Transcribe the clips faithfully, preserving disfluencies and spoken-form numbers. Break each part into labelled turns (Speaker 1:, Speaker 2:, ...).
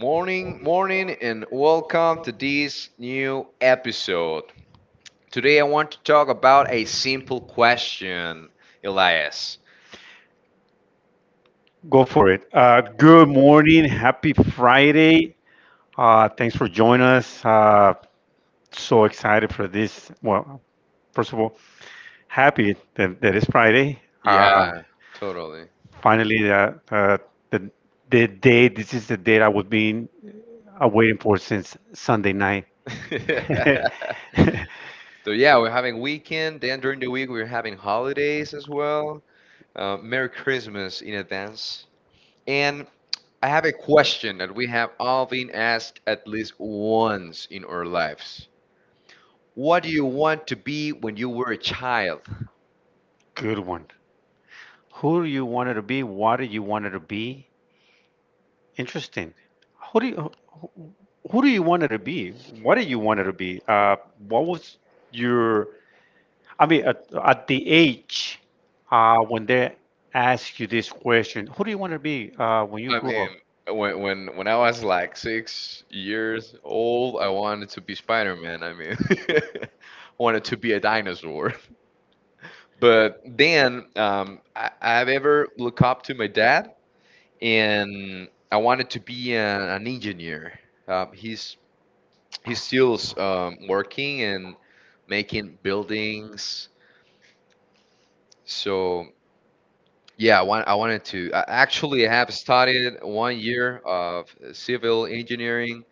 Speaker 1: Morning, morning, and welcome to this new episode. Today I want to talk about a simple question, Elias.
Speaker 2: Go for it. Uh, good morning. Happy Friday. Uh, thanks for joining us. Uh, so excited for this. Well, first of all, happy that, that it's Friday. Uh,
Speaker 1: Yeah, totally.
Speaker 2: finally, uh, uh, the, the day, this is the day I was being uh, waiting for since Sunday night.
Speaker 1: So yeah, we're having weekend. Then during the week we're having holidays as well. Uh, Merry Christmas in advance. And I have a question that we have all been asked at least once in our lives. What do you want to be when you were a child?
Speaker 2: Good one. Who do you wanted to be? What do you wanted to be? Interesting. Who do you who, who do you wanted to be? What do you wanted to be? Uh, what was your? I mean, at, at the age uh, when they ask you this question, who do you want to be uh, when you
Speaker 1: I
Speaker 2: grow up?
Speaker 1: mean, when when when I was like six years old, I wanted to be Spider-Man. I mean, wanted to be a dinosaur. But then um, I, I've ever looked up to my dad, and I wanted to be a, an engineer. Um, he's he's still um, working and making buildings. So yeah, I want I wanted to. I actually have studied one year of civil engineering.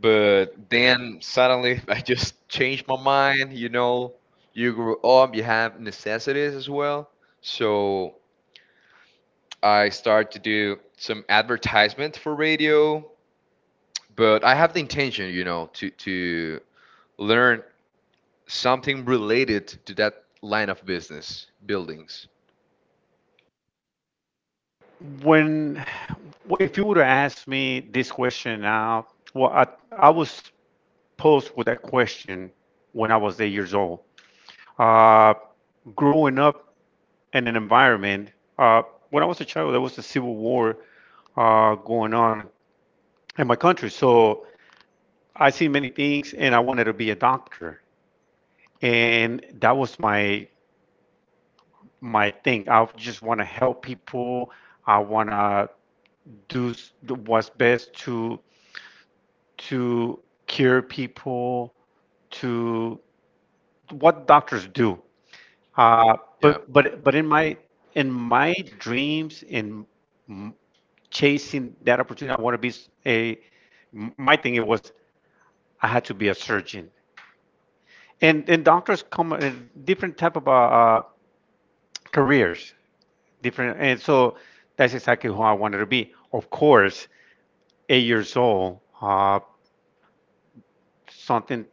Speaker 1: But then suddenly I just changed my mind. You know, you grow up, you have necessities as well. So I start to do some advertisement for radio, but I have the intention, you know, to to learn something related to that line of business, buildings.
Speaker 2: When, if you would have asked me this question now, well, I, I was posed with that question when I was eight years old. Uh, Growing up, and an environment. Uh, when I was a child, there was a civil war uh, going on in my country. So I see many things, and I wanted to be a doctor, and that was my my thing. I just want to help people. I want to do s- what's best to to cure people, to what doctors do. Uh,
Speaker 1: Yeah.
Speaker 2: but but but in my in my dreams in m- chasing that opportunity, I want to be s- a M- My thing it was I had to be a surgeon, and and doctors come in different type of uh, uh, careers, different, and so that's exactly who I wanted to be. Of course, eight years old, uh, something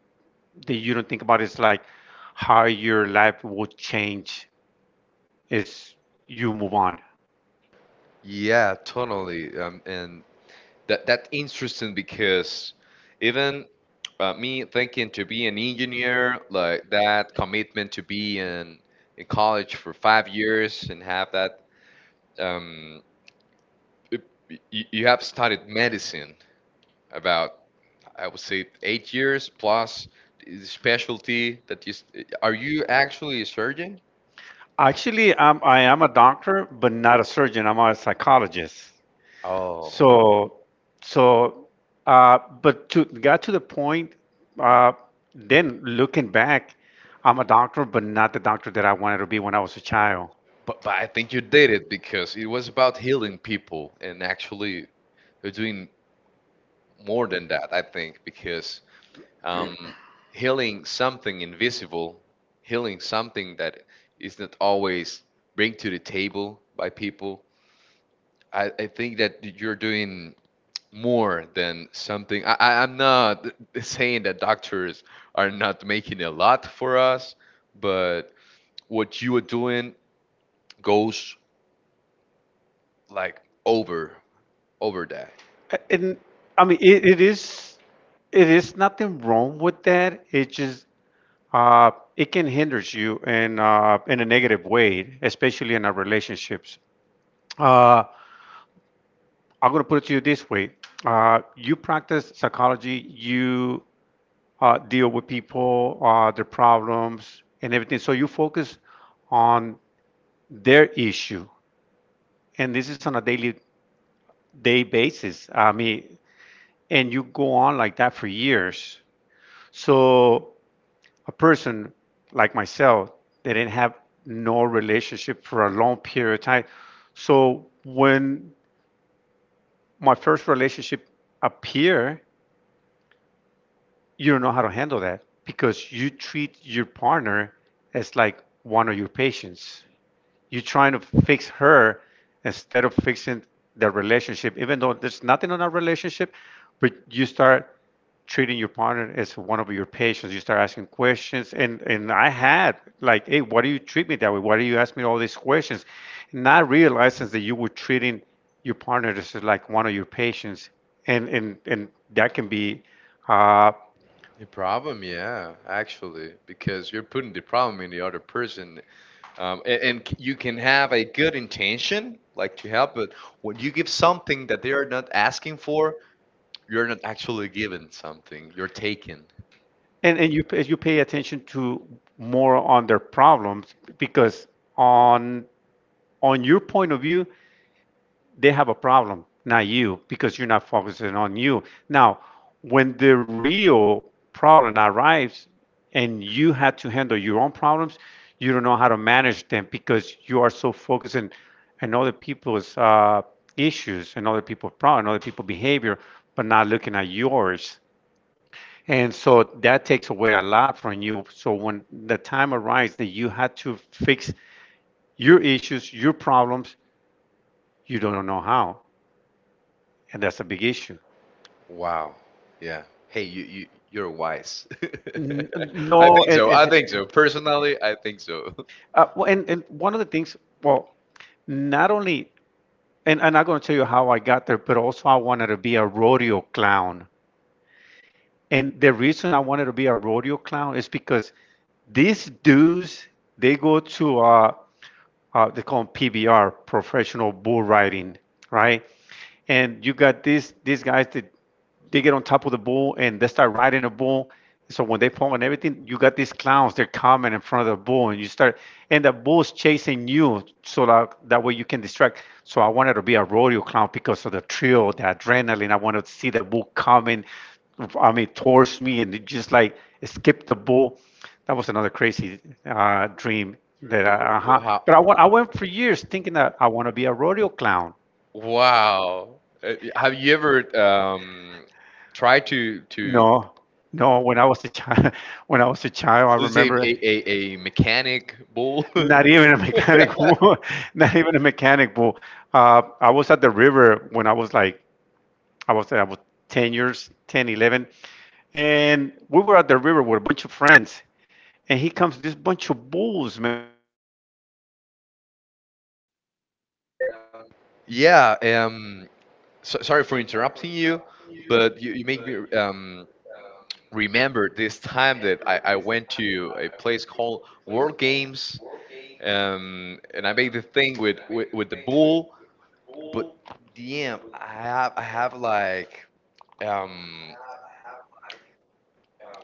Speaker 2: that you don't think about is like how your life will change as you move on.
Speaker 1: Yeah, totally. Um, and That that's interesting because even uh, me thinking to be an engineer, like that commitment to be in in college for five years and have that. Um, it, you, you have studied medicine about I would say eight years plus the specialty. That you s- are you actually a surgeon?
Speaker 2: Actually, I'm, I am a doctor, but not a surgeon. I'm a psychologist.
Speaker 1: Oh,
Speaker 2: So, so, uh, but to got to the point, uh, then looking back, I'm a doctor, but not the doctor that I wanted to be when I was a child.
Speaker 1: but but I think you did it because it was about healing people and actually you're doing more than that, I think, because um, healing something invisible, healing something that is not always bring to the table by people. I, I think that you're doing more than something. I, I, I'm not saying that doctors are not making a lot for us, but what you are doing goes like over over that.
Speaker 2: A- And I mean, it, it is, it is nothing wrong with that. It just, uh, it can hinder you in, uh, in a negative way, especially in our relationships. Uh, I'm gonna put it to you this way. Uh, you practice psychology. You uh, deal with people, uh, their problems, and everything. So you focus on their issue, and this is on a daily day basis. I mean, and you go on like that for years. So a person like myself, they didn't have no relationship for a long period of time. So when my first relationship appear, you don't know how to handle that because you treat your partner as like one of your patients. You're trying to fix her instead of fixing the relationship, even though there's nothing on our relationship, but you start treating your partner as one of your patients. You start asking questions, and and I had like, hey, why do you treat me that way? Why do you ask me all these questions? Not realizing that you were treating your partner as like one of your patients, and and and that can be, uh,
Speaker 1: The problem, yeah, actually, because you're putting the problem in the other person. Um, and, and c- you can have a good intention, like to help, but when you give something that they are not asking for, you're not actually giving something. You're taking.
Speaker 2: and and you as you pay attention to more on their problems because on on your point of view, they have a problem, not you, because you're not focusing on you. Now, when the real problem arrives and you had to handle your own problems, you don't know how to manage them because you are so focused on, on other people's uh, issues and other people's problems, other people's behavior, but not looking at yours. And so that takes away a lot from you. So when the time arrives that you had to fix your issues, your problems, you don't know how. And that's a big issue.
Speaker 1: Wow. Yeah. Hey, you, you you're wise.
Speaker 2: N- No,
Speaker 1: I think
Speaker 2: it
Speaker 1: so.
Speaker 2: is.
Speaker 1: I think so. Personally, I think so.
Speaker 2: Uh, well, and, and one of the things, well, not only, and I'm not going to tell you how I got there, but also I wanted to be a rodeo clown. And the reason I wanted to be a rodeo clown is because these dudes, they go to, uh, uh, they call them P B R, professional bull riding, right? And you got these these guys that they get on top of the bull and they start riding the bull. So when they fall and everything, you got these clowns. They're coming in front of the bull, and you start, and the bull's chasing you, so that that way you can distract. So I wanted to be a rodeo clown because of the thrill, the adrenaline. I wanted to see the bull coming, I mean, towards me, and just like skip the bull. That was another crazy uh, dream that I, uh-huh.
Speaker 1: Wow.
Speaker 2: But I went, I went for years thinking that I want to be a rodeo clown.
Speaker 1: Wow. Uh, Have you ever um, tried to to?
Speaker 2: No, no. When I was a child, when I was a child, I
Speaker 1: Who's a,
Speaker 2: remember
Speaker 1: a, a, a mechanic bull.
Speaker 2: not even a mechanic, bull, not even a mechanic bull. Uh, I was at the river when I was like, I was, I was ten years, ten, eleven, and we were at the river with a bunch of friends, and he comes this bunch of bulls, man, and everybody start running.
Speaker 1: Yeah. Um. So, sorry for interrupting you, but you, you make me um remember this time that I, I went to a place called World Games. Um. And I made the thing with with, with the bull, but damn, I have I have like um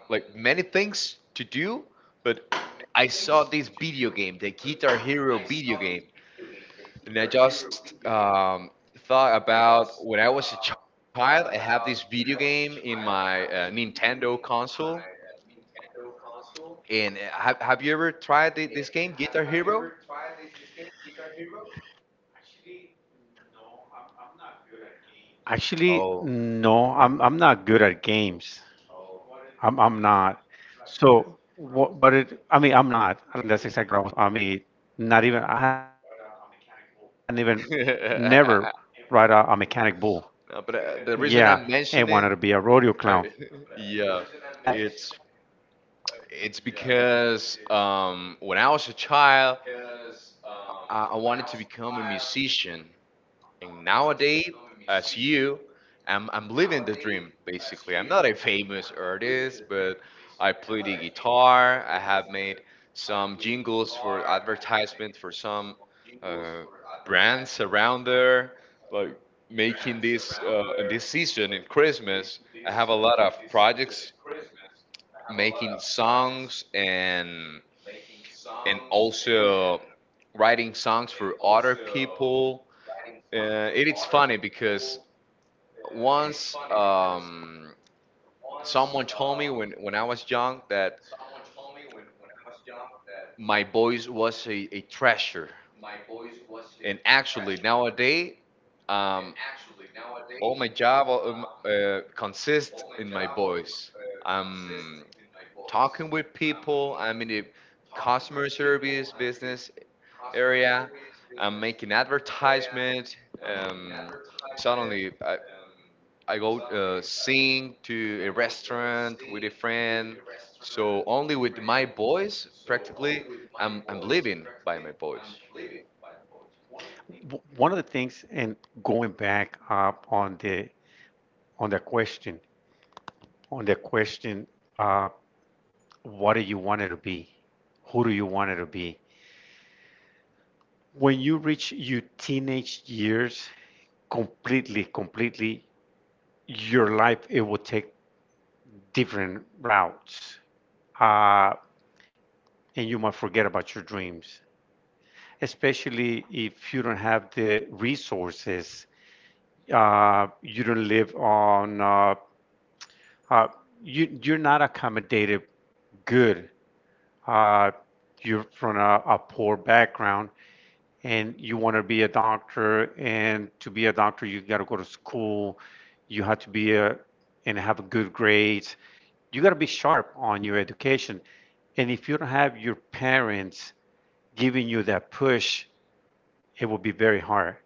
Speaker 1: like many things to do, but I saw this video game, the Guitar Hero video game. And I just um, thought about when I was a child, I have this video game in my uh, Nintendo console. And uh, have, have you ever tried thi- this game, Guitar Hero?
Speaker 2: Actually, no, I'm, I'm not good at games.
Speaker 1: Oh.
Speaker 2: I'm I'm not. So what what it I mean, I'm not. Like and that's exactly what I was telling you. I mean, not even I hadn't even never ride a, a mechanic bull. Yeah, and wanted to be a rodeo clown.
Speaker 1: No, but uh, the reason I'm mentioning, uh, yeah, it's it's because um, when I was a child, I, I wanted to become a musician. And nowadays, as you, I'm, I'm living the dream, basically. I'm not a famous artist, but I play the guitar. I have made some jingles for advertisement for some uh, brands around there, like making this uh, in this season in Christmas. I have a lot of projects making songs and and also writing songs for other people. Uh, it is funny because once um, someone told me when, when I was young that my voice was a, a treasure. And actually, nowadays, um, all my job um, uh, consists in my voice. I'm talking with people, I'm in the customer service business area, I'm making advertisement. Um, Suddenly, I, I go uh, sing to a restaurant with a friend. So only with my boys, practically, I'm I'm living by my boys.
Speaker 2: W- One of the things, and going back uh, on the on the question, on the question, uh, what do you want it to be? Who do you want it to be? When you reach your teenage years, completely, completely, your life it will take different routes uh, and you might forget about your dreams, especially if you don't have the resources. Uh, you don't live on uh, uh, you, you're not accommodated good. uh, you're from a, a poor background and you want to be a doctor, and to be a doctor you got to go to school, you have to be a and have a good grades, you got to be sharp on your education. And if you don't have your parents giving you that push, it will be very hard.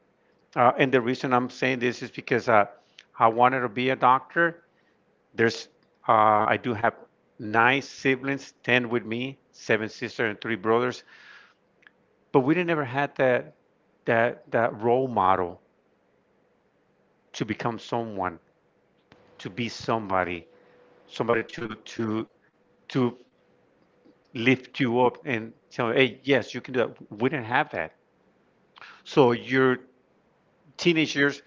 Speaker 2: uh, And the reason I'm saying this is because uh, I wanted to be a doctor. There's uh, I do have nine siblings, ten with me, seven sisters and three brothers, but we didn't ever had that that that role model to become someone, to be somebody, somebody to to to lift you up and tell you, hey, yes, you can do that. We didn't have that. So your teenage years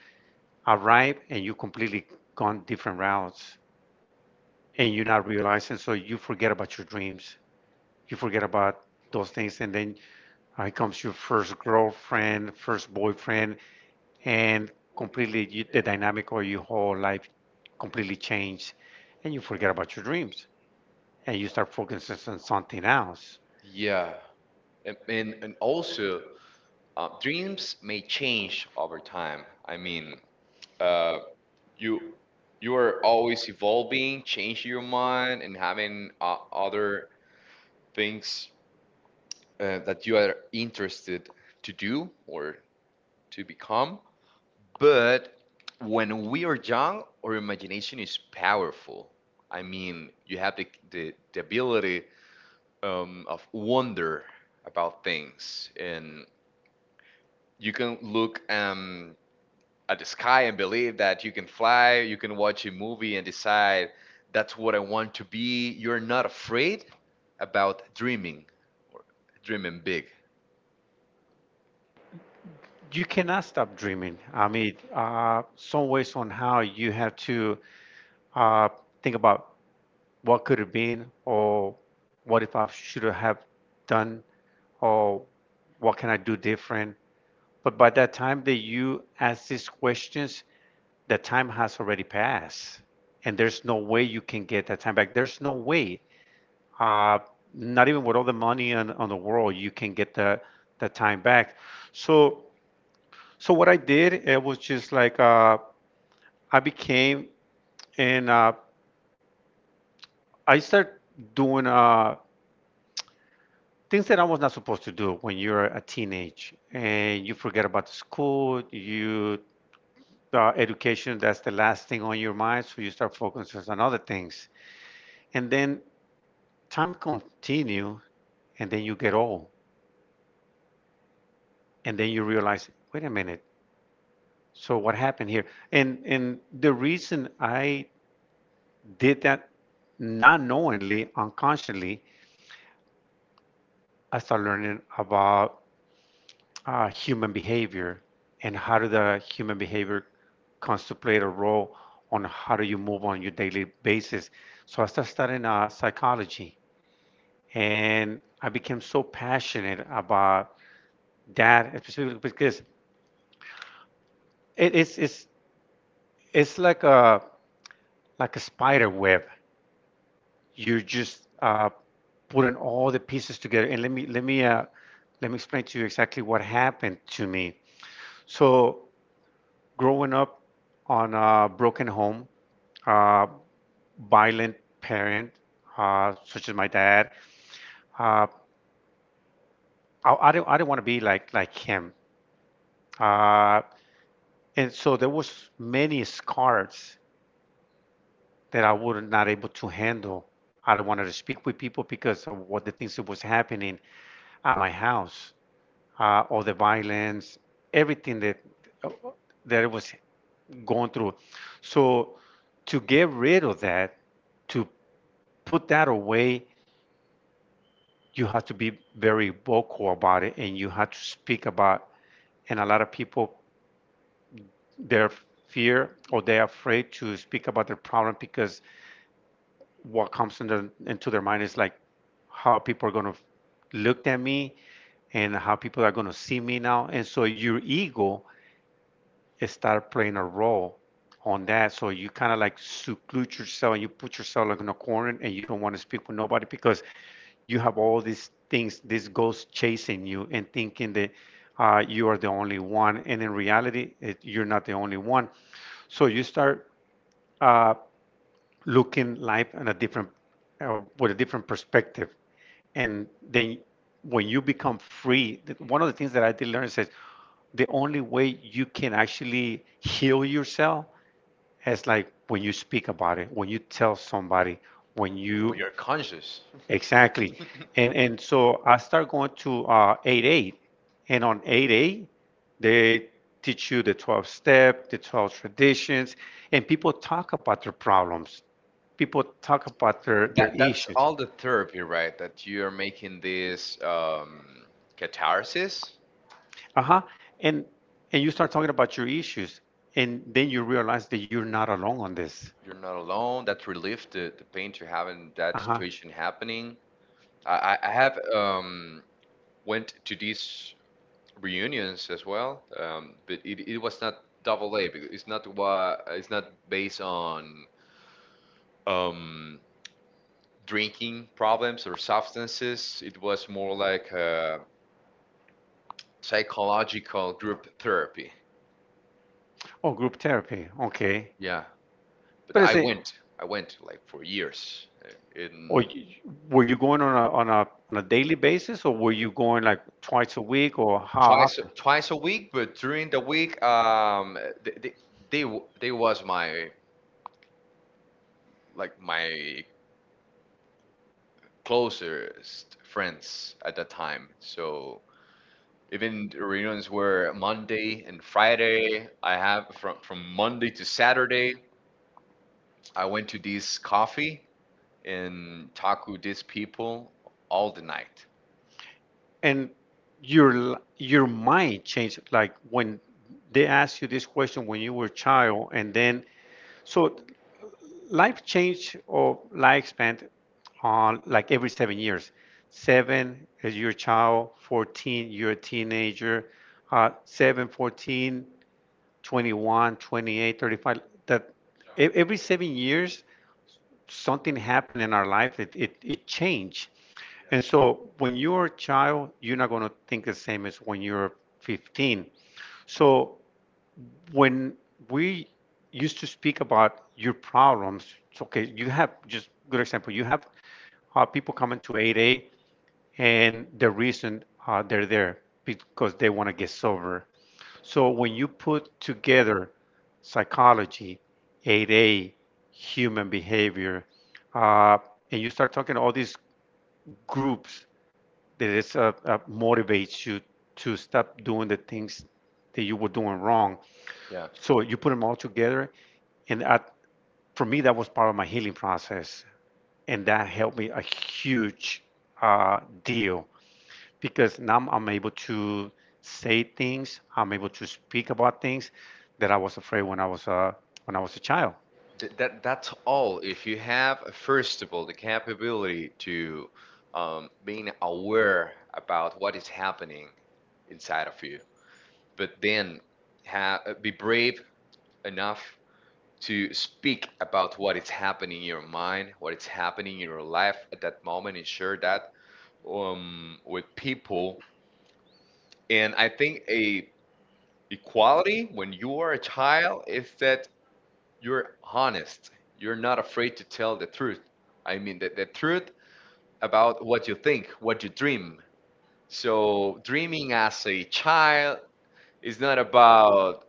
Speaker 2: arrive and you completely gone different routes and you're not realizing. So you forget about your dreams. You forget about those things. And then uh, here comes your first girlfriend, first boyfriend, and completely you, the dynamic of your whole life completely changed, and you forget about your dreams and you start focusing on something else.
Speaker 1: Yeah, and and, and also uh, dreams may change over time. I mean, uh, you you are always evolving, changing your mind, and having uh, other things uh, that you are interested to do or to become. But when we are young, our imagination is powerful. I mean, you have the, the, the ability um, of wonder about things, and you can look um, at the sky and believe that you can fly. You can watch a movie and decide that's what I want to be. You're not afraid about dreaming, or dreaming big.
Speaker 2: You cannot stop dreaming. I mean, uh, some ways, somehow you have to uh, think about what could have been, or what if I should have done, or what can I do different. But by that time that you ask these questions, the time has already passed, and there's no way you can get that time back. There's no way. uh, Not even with all the money on, on the world you can get the, the time back. So so what I did it was just like, uh, I became and uh, I started doing uh, things that I was not supposed to do. When you're a teenage and you forget about the school, you uh, education, that's the last thing on your mind, so you start focusing on other things. And then time continue, and then you get old, and then you realize, wait a minute, so what happened here? And and the reason I did that, not knowingly, unconsciously, I started learning about uh, human behavior and how do the human behavior comes to play a role on how do you move on your daily basis. So I started studying uh, psychology, and I became so passionate about that, especially because it, it's, it's It's like a like a spider web. You're just uh, putting all the pieces together. And let me let me uh, let me explain to you exactly what happened to me. So growing up on a broken home, uh, violent parent, uh, such as my dad, uh, I, I didn't I didn't want to be like like him. Uh, and so there was many scars that I was not able to handle. I don't wanted to speak with people because of what the things that was happening at my house, uh, all the violence, everything that that I was going through. So to get rid of that, to put that away, you have to be very vocal about it, and you have to speak about. And a lot of people, their fear or they're afraid to speak about their problem because what comes in their, into their mind is like how people are going to look at me and how people are going to see me now. And so your ego start playing a role on that. So you kind of like seclude yourself and you put yourself like in a corner and you don't want to speak with nobody because you have all these things, these ghosts chasing you and thinking that uh, you are the only one. And in reality, it, you're not the only one. So you start uh, looking life in a different, uh, with a different perspective. And then when you become free, th- one of the things that I did learn is that the only way you can actually heal yourself it's like when you speak about it, when you tell somebody, when
Speaker 1: When
Speaker 2: you
Speaker 1: you're conscious.
Speaker 2: exactly. And and so I start going to uh, eight A, and on 8 eight, they teach you the twelve step, the twelve traditions, and people talk about their problems. People talk about their their
Speaker 1: That that's
Speaker 2: issues.
Speaker 1: all the therapy, right? That you are making this um, catharsis.
Speaker 2: Uh-huh. And and you start talking about your issues, and then you realize that you're not alone on this.
Speaker 1: You're not alone. That relief, the, the pain to having that
Speaker 2: Uh-huh.
Speaker 1: situation happening. I, I I have um, went to these reunions as well, um, but it, it was not double A, because It's not what it's not based on um, drinking problems or substances. It was more like a psychological group therapy.
Speaker 2: Oh, group therapy. Okay.
Speaker 1: Yeah. But
Speaker 2: But is
Speaker 1: I
Speaker 2: it,
Speaker 1: went. I went like for years, uh,
Speaker 2: or
Speaker 1: in
Speaker 2: y- were you going on a, on a, on a daily basis or were you going like twice a week or how
Speaker 1: twice
Speaker 2: often?
Speaker 1: twice a week. But during the week, um, they they, they, w- they was my like my closest friends at that time. So even the reunions were Monday and Friday. I have from from Monday to Saturday. I went to this coffee and talk with these people all the night.
Speaker 2: And your, l- your mind changed like when they asked you this question when you were a child and then, so life change or lifespan on like every seven years. Seven is your child, fourteen, you're a teenager, uh, seven, fourteen, twenty-one, twenty-eight, thirty-five. That e- every seven years, something happened in our life, it, it, it changed. And so when you're a child, you're not going to think the same as when you're fifteen. So when we used to speak about your problems, it's okay, you have just good example, you have uh, people coming to eight A and the reason uh, they're there because they want to get sober. So when you put together psychology, eight A, human behavior, uh, and you start talking all these groups that is, uh, uh, motivates you to stop doing the things that you were doing wrong.
Speaker 1: Yeah.
Speaker 2: So you put them all together, and I, for me, that was part of my healing process, and that helped me a huge uh, deal because now I'm able to say things, I'm able to speak about things that I was afraid when I was a when I was a child.
Speaker 1: Th- that that's all. If you have, uh, first of all, the capability to um, being aware about what is happening inside of you, but then ha- uh, be brave enough to speak about what is happening in your mind, what is happening in your life at that moment, and share that um, with people. And I think a equality when you are a child is that you're honest. You're not afraid to tell the truth. I mean, the, the truth about what you think, what you dream. So, dreaming as a child is not about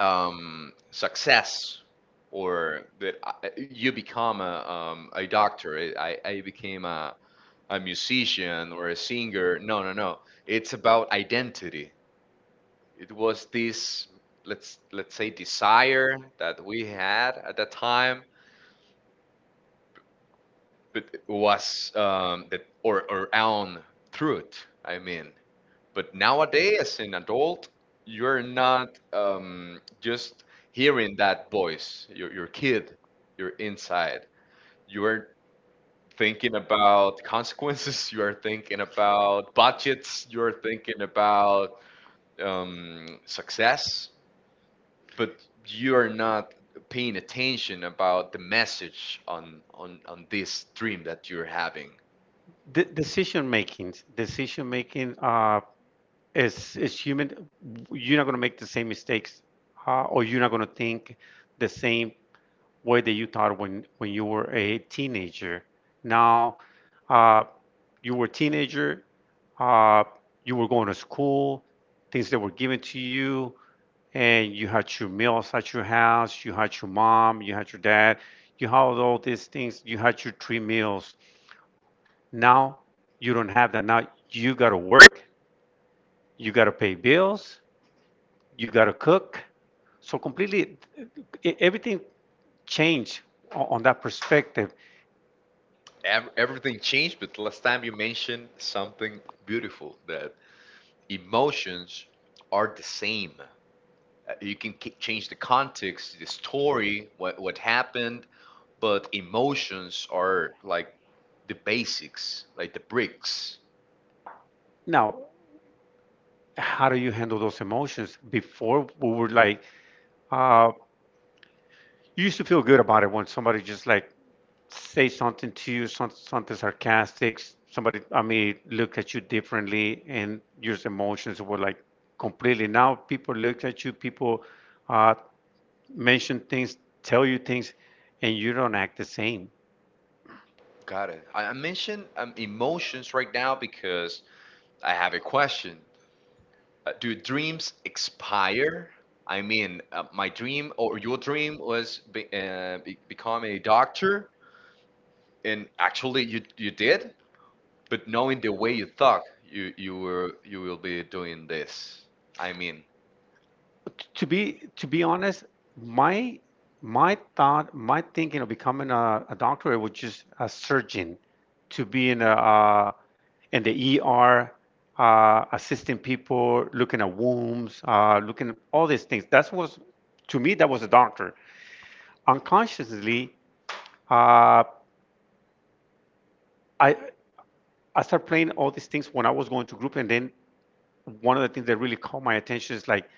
Speaker 1: um, success or that I- you become a, um, a doctor, eh, I, I became a, a musician or a singer. No, no, no. It's about identity. It was this, let's, let's say, desire that we had at that time but was um, that or or own truth. I mean, but nowadays as an adult, you're not um, just hearing that voice. Your your kid, you're inside. You are thinking about consequences. You are thinking about budgets. You are thinking about um, success, but you are not paying attention about the message on on on this dream that you're having.
Speaker 2: De- decision making, decision making uh, is is human. You're not going to make the same mistakes, uh, or you're not going to think the same way that you thought when when you were a teenager. Now, uh, you were a teenager, uh, you were going to school, things that were given to you and you had your meals at your house, you had your mom, you had your dad, you had all these things, you had your three meals. Now you don't have that. Now you got to work, you got to pay bills, you got to cook. So completely, e- everything changed on that perspective.
Speaker 1: Ev- everything changed, but last time you mentioned something beautiful that emotions are the same. Uh, you can k- change the context, the story, what, what happened, but emotions are like the basics, like the bricks.
Speaker 2: Now, how do you handle those emotions? Before we were like, uh, you used to feel good about it when somebody just like say something to you, some, something sarcastic, somebody, I mean, look at you differently, and your emotions were like completely. Now people look at you, people uh, mention things, tell you things, and you don't act the same.
Speaker 1: Got it. I, I mentioned um, emotions right now because I have a question. Uh, do dreams expire? I mean, uh, my dream or your dream was be, uh, be, become a doctor, and actually you you did, but knowing the way you thought you you were you will be doing this, I mean.
Speaker 2: To be to be honest, my my thought, my thinking of becoming a, a doctor was just a surgeon, to be in a uh, in the E R, uh, assisting people, looking at wombs, uh, looking at all these things. That was to me that was a doctor. Unconsciously, uh, I I started playing all these things when I was going to group, and then one of the things that really caught my attention is like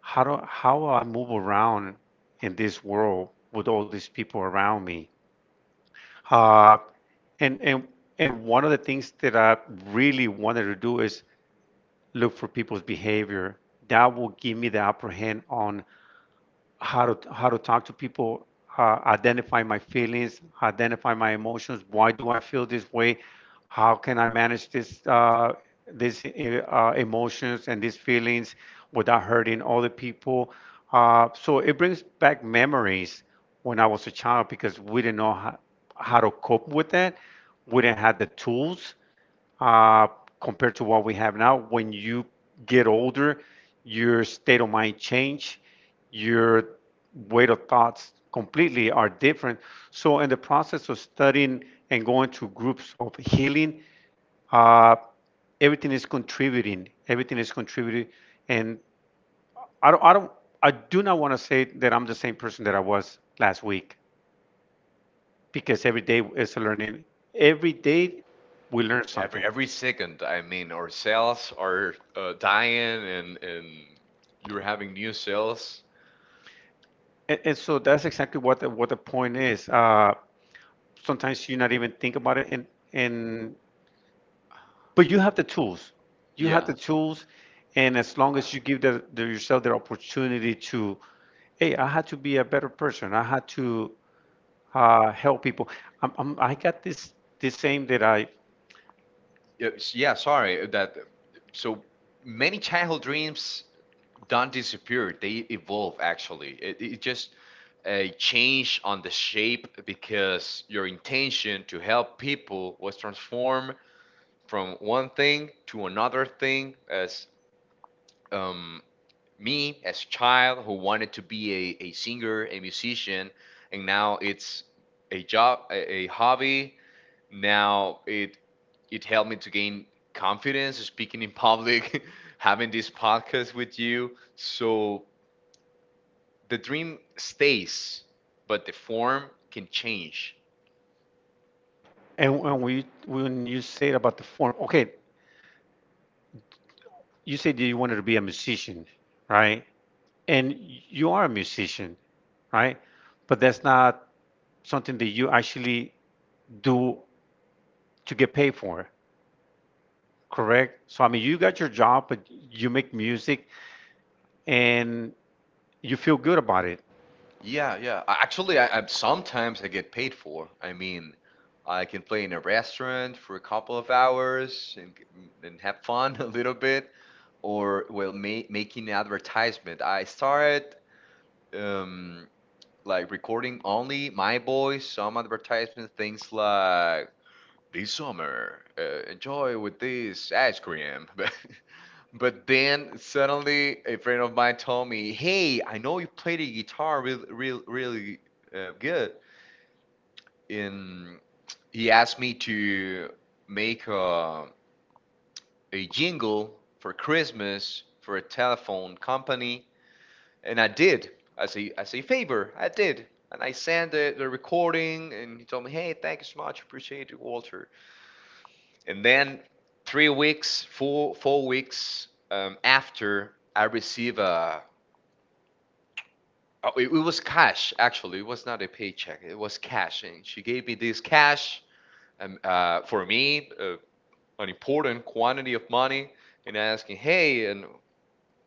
Speaker 2: how do how I move around in this world with all these people around me. Uh, and and and one of the things that I really wanted to do is look for people's behavior. That will give me the upper hand on how to how to talk to people, uh, identify my feelings, identify my emotions. Why do I feel this way? How can I manage this, uh, these uh, uh, emotions and these feelings, without hurting other people. uh, so it brings back memories when I was a child because we didn't know how, how to cope with that. We didn't have the tools, uh, compared to what we have now. When you get older, your state of mind change, your weight of thoughts completely are different. So in the process of studying and going to groups of healing, uh, everything is contributing. Everything is contributing, and I don't, I don't, I do not want to say that I'm the same person that I was last week because every day is a learning. Every day we learn
Speaker 1: every
Speaker 2: something.
Speaker 1: every second, I mean, our cells are uh, dying, and and you're having new cells.
Speaker 2: And, and so that's exactly what the, what the point is. Uh, sometimes you not even think about it, and and but you have the tools. You have
Speaker 1: Yeah,
Speaker 2: the tools, and as long as you give the, the yourself the opportunity to, hey, I had to be a better person. I had to uh, help people. I'm, I'm, I got this this aim that I.
Speaker 1: yeah, s- yeah, sorry, uh, that so many childhood dreams don't disappear, they evolve, actually. It, it just a change on the shape because your intention to help people was transformed from one thing to another thing, as um, me as child who wanted to be a, a singer, a musician, and now it's a job, a, a hobby. Now it it helped me to gain confidence speaking in public, having this podcast with you, so the dream stays, but the form can change.
Speaker 2: And when we when you say about the form, okay, you said that you wanted to be a musician, right? And you are a musician, right? But that's not something that you actually do to get paid for, correct? So I mean, you got your job, but you make music and you feel good about it,
Speaker 1: Yeah, yeah. A- Actually, I, I'm sometimes I get paid for. I mean, I can play in a restaurant for a couple of hours and g- m- and have fun a little bit, or well, ma making advertisement. I started um like recording only my voice, some advertisement things like this summer, uh, enjoy with this ice cream. but but then suddenly a friend of mine told me, hey, I know you play the guitar really, really, really uh, good. And he asked me to make a, a jingle for Christmas for a telephone company. And I did, as a, as a favor, I did. And I sent the, the recording, and he told me, hey, thank you so much, appreciate it, Walter. And then three weeks, four four weeks um, after I receive a, oh, it, it was cash actually. It was not a paycheck. It was cash, and she gave me this cash, um, uh, for me, uh, an important quantity of money, and asking, hey, and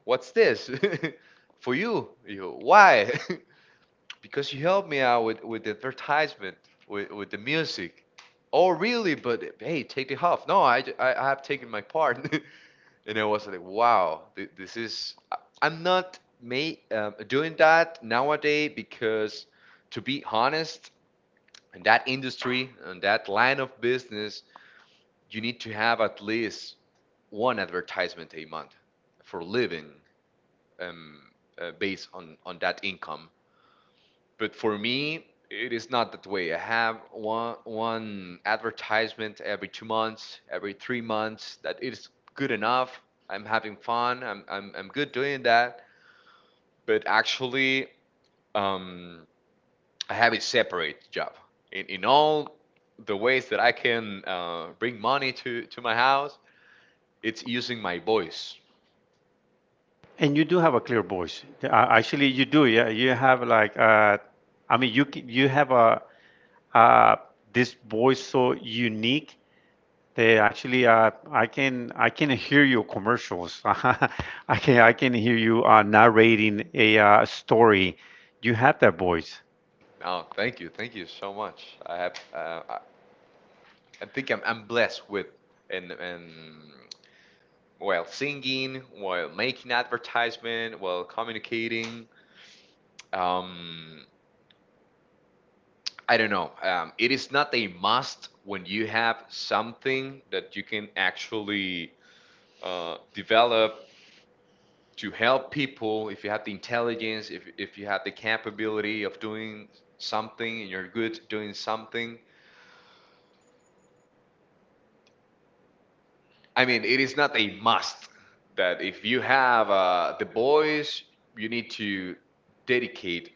Speaker 1: what's this for you? You why? Because you helped me out with with the advertisement, with with the music. Oh, really? But hey, take the half. No, I, j- I I have taken my part. And I was like, wow, th- this is. I- I'm not ma- um, doing that nowadays because, to be honest, in that industry and that line of business, you need to have at least one advertisement a month for living, um, uh, based on, on that income. But for me it is not that way. I have one one advertisement every two months, every three months, that is good enough. I'm having fun. I'm i'm, I'm good doing that. But actually, um, I have a separate job in, in all the ways that I can uh, bring money to to my house. It's using my voice.
Speaker 2: and you do have a clear voice. Uh, Actually, you do. Yeah, you have like uh, I mean, you c- you have a uh, this voice so unique. They actually, uh, I can I can hear your commercials. I can I can hear you uh, narrating a uh, story. You have that voice.
Speaker 1: Oh, thank you, thank you so much. i have uh, I think I'm, I'm blessed with. And and while singing, while making advertisement, while communicating. Um, I don't know. Um, it is not a must when you have something that you can actually uh, develop to help people. If you have the intelligence, if if you have the capability of doing something, and you're good at doing something, I mean, it is not a must that if you have uh, the boys, you need to dedicate.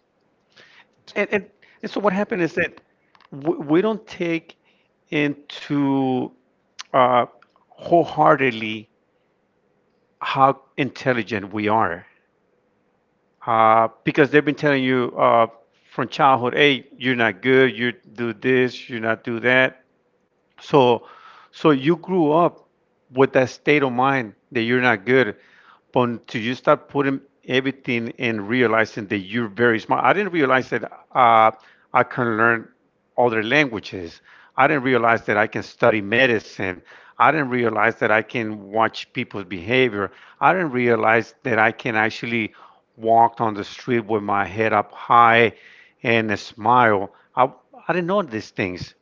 Speaker 2: And, and and so what happened is that w- we don't take into, uh, wholeheartedly, how intelligent we are, uh, because they've been telling you, uh, from childhood, hey, you're not good, you do this, you not do that. So, so you grew up with that state of mind that you're not good, but until you start putting everything and realizing that you're very smart. I didn't realize that uh, I can learn other languages. I didn't realize that I can study medicine. I didn't realize that I can watch people's behavior. I didn't realize that I can actually walk on the street with my head up high and a smile. I, I didn't know these things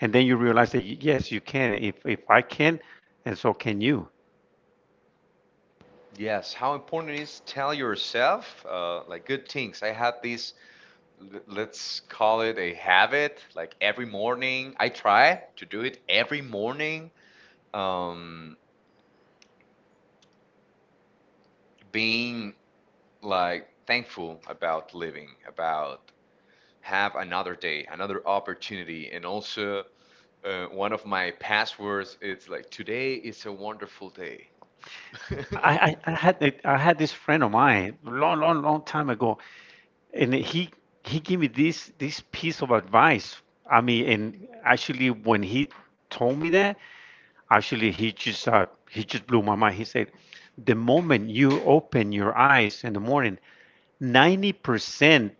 Speaker 2: and then you realize that y- yes, you can. If if I can and so can you.
Speaker 1: Yes, how important is tell yourself uh, like good things. I have this, l- let's call it a habit. Like every morning, I try to do it every morning. Um, Being like thankful about living, about have another day, another opportunity, and also. Uh, one of my passwords is like, today is a wonderful day.
Speaker 2: i i, I had I had this friend of mine long, long, long time ago and he he gave me this this piece of advice. I mean, and actually when he told me that, actually he just uh, he just blew my mind. He said the moment you open your eyes in the morning, ninety percent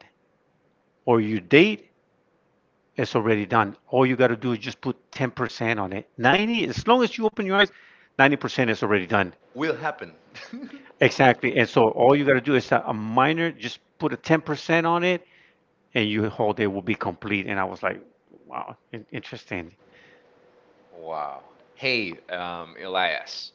Speaker 2: of your day it's already done. All you got to do is just put ten percent on it. ninety, as long as you open your eyes, ninety percent is already done.
Speaker 1: Will happen.
Speaker 2: Exactly. And so all you got to do is a, a minor, just put a ten percent on it, and your whole day will be complete. And I was like, wow, interesting.
Speaker 1: Wow. Hey, um, Elias.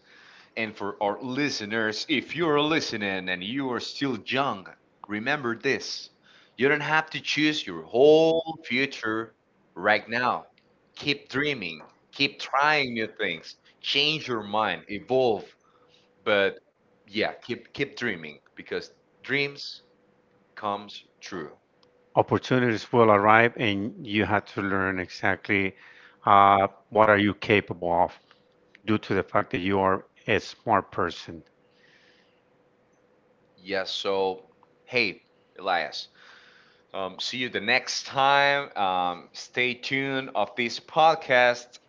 Speaker 1: And for our listeners, if you're listening and you are still young, remember this. You don't have to choose your whole future right now. Keep dreaming, keep trying new things, change your mind, evolve. But yeah, keep keep dreaming because dreams comes true.
Speaker 2: Opportunities will arrive, and you had to learn exactly uh, what are you capable of due to the fact that you are a smart person.
Speaker 1: Yes. So, hey, Elias. Um, see you the next time. Um, stay tuned of this podcast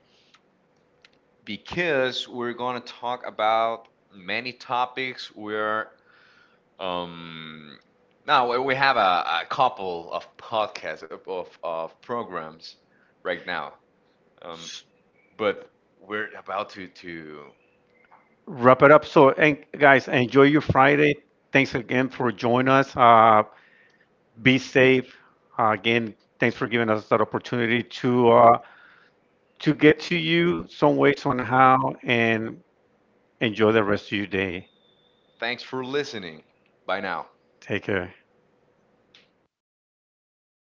Speaker 1: because we're gonna talk about many topics. We're um, Now we we have a, a couple of podcasts of, of, of programs right now. Um, but we're about to to.
Speaker 2: Wrap it up. So, and guys, enjoy your Friday. Thanks again for joining us. Uh, be safe. Uh, again, thanks for giving us that opportunity to, uh, to get to you some ways on how, and enjoy the rest of your day.
Speaker 1: Thanks for listening. Bye now.
Speaker 2: Take care.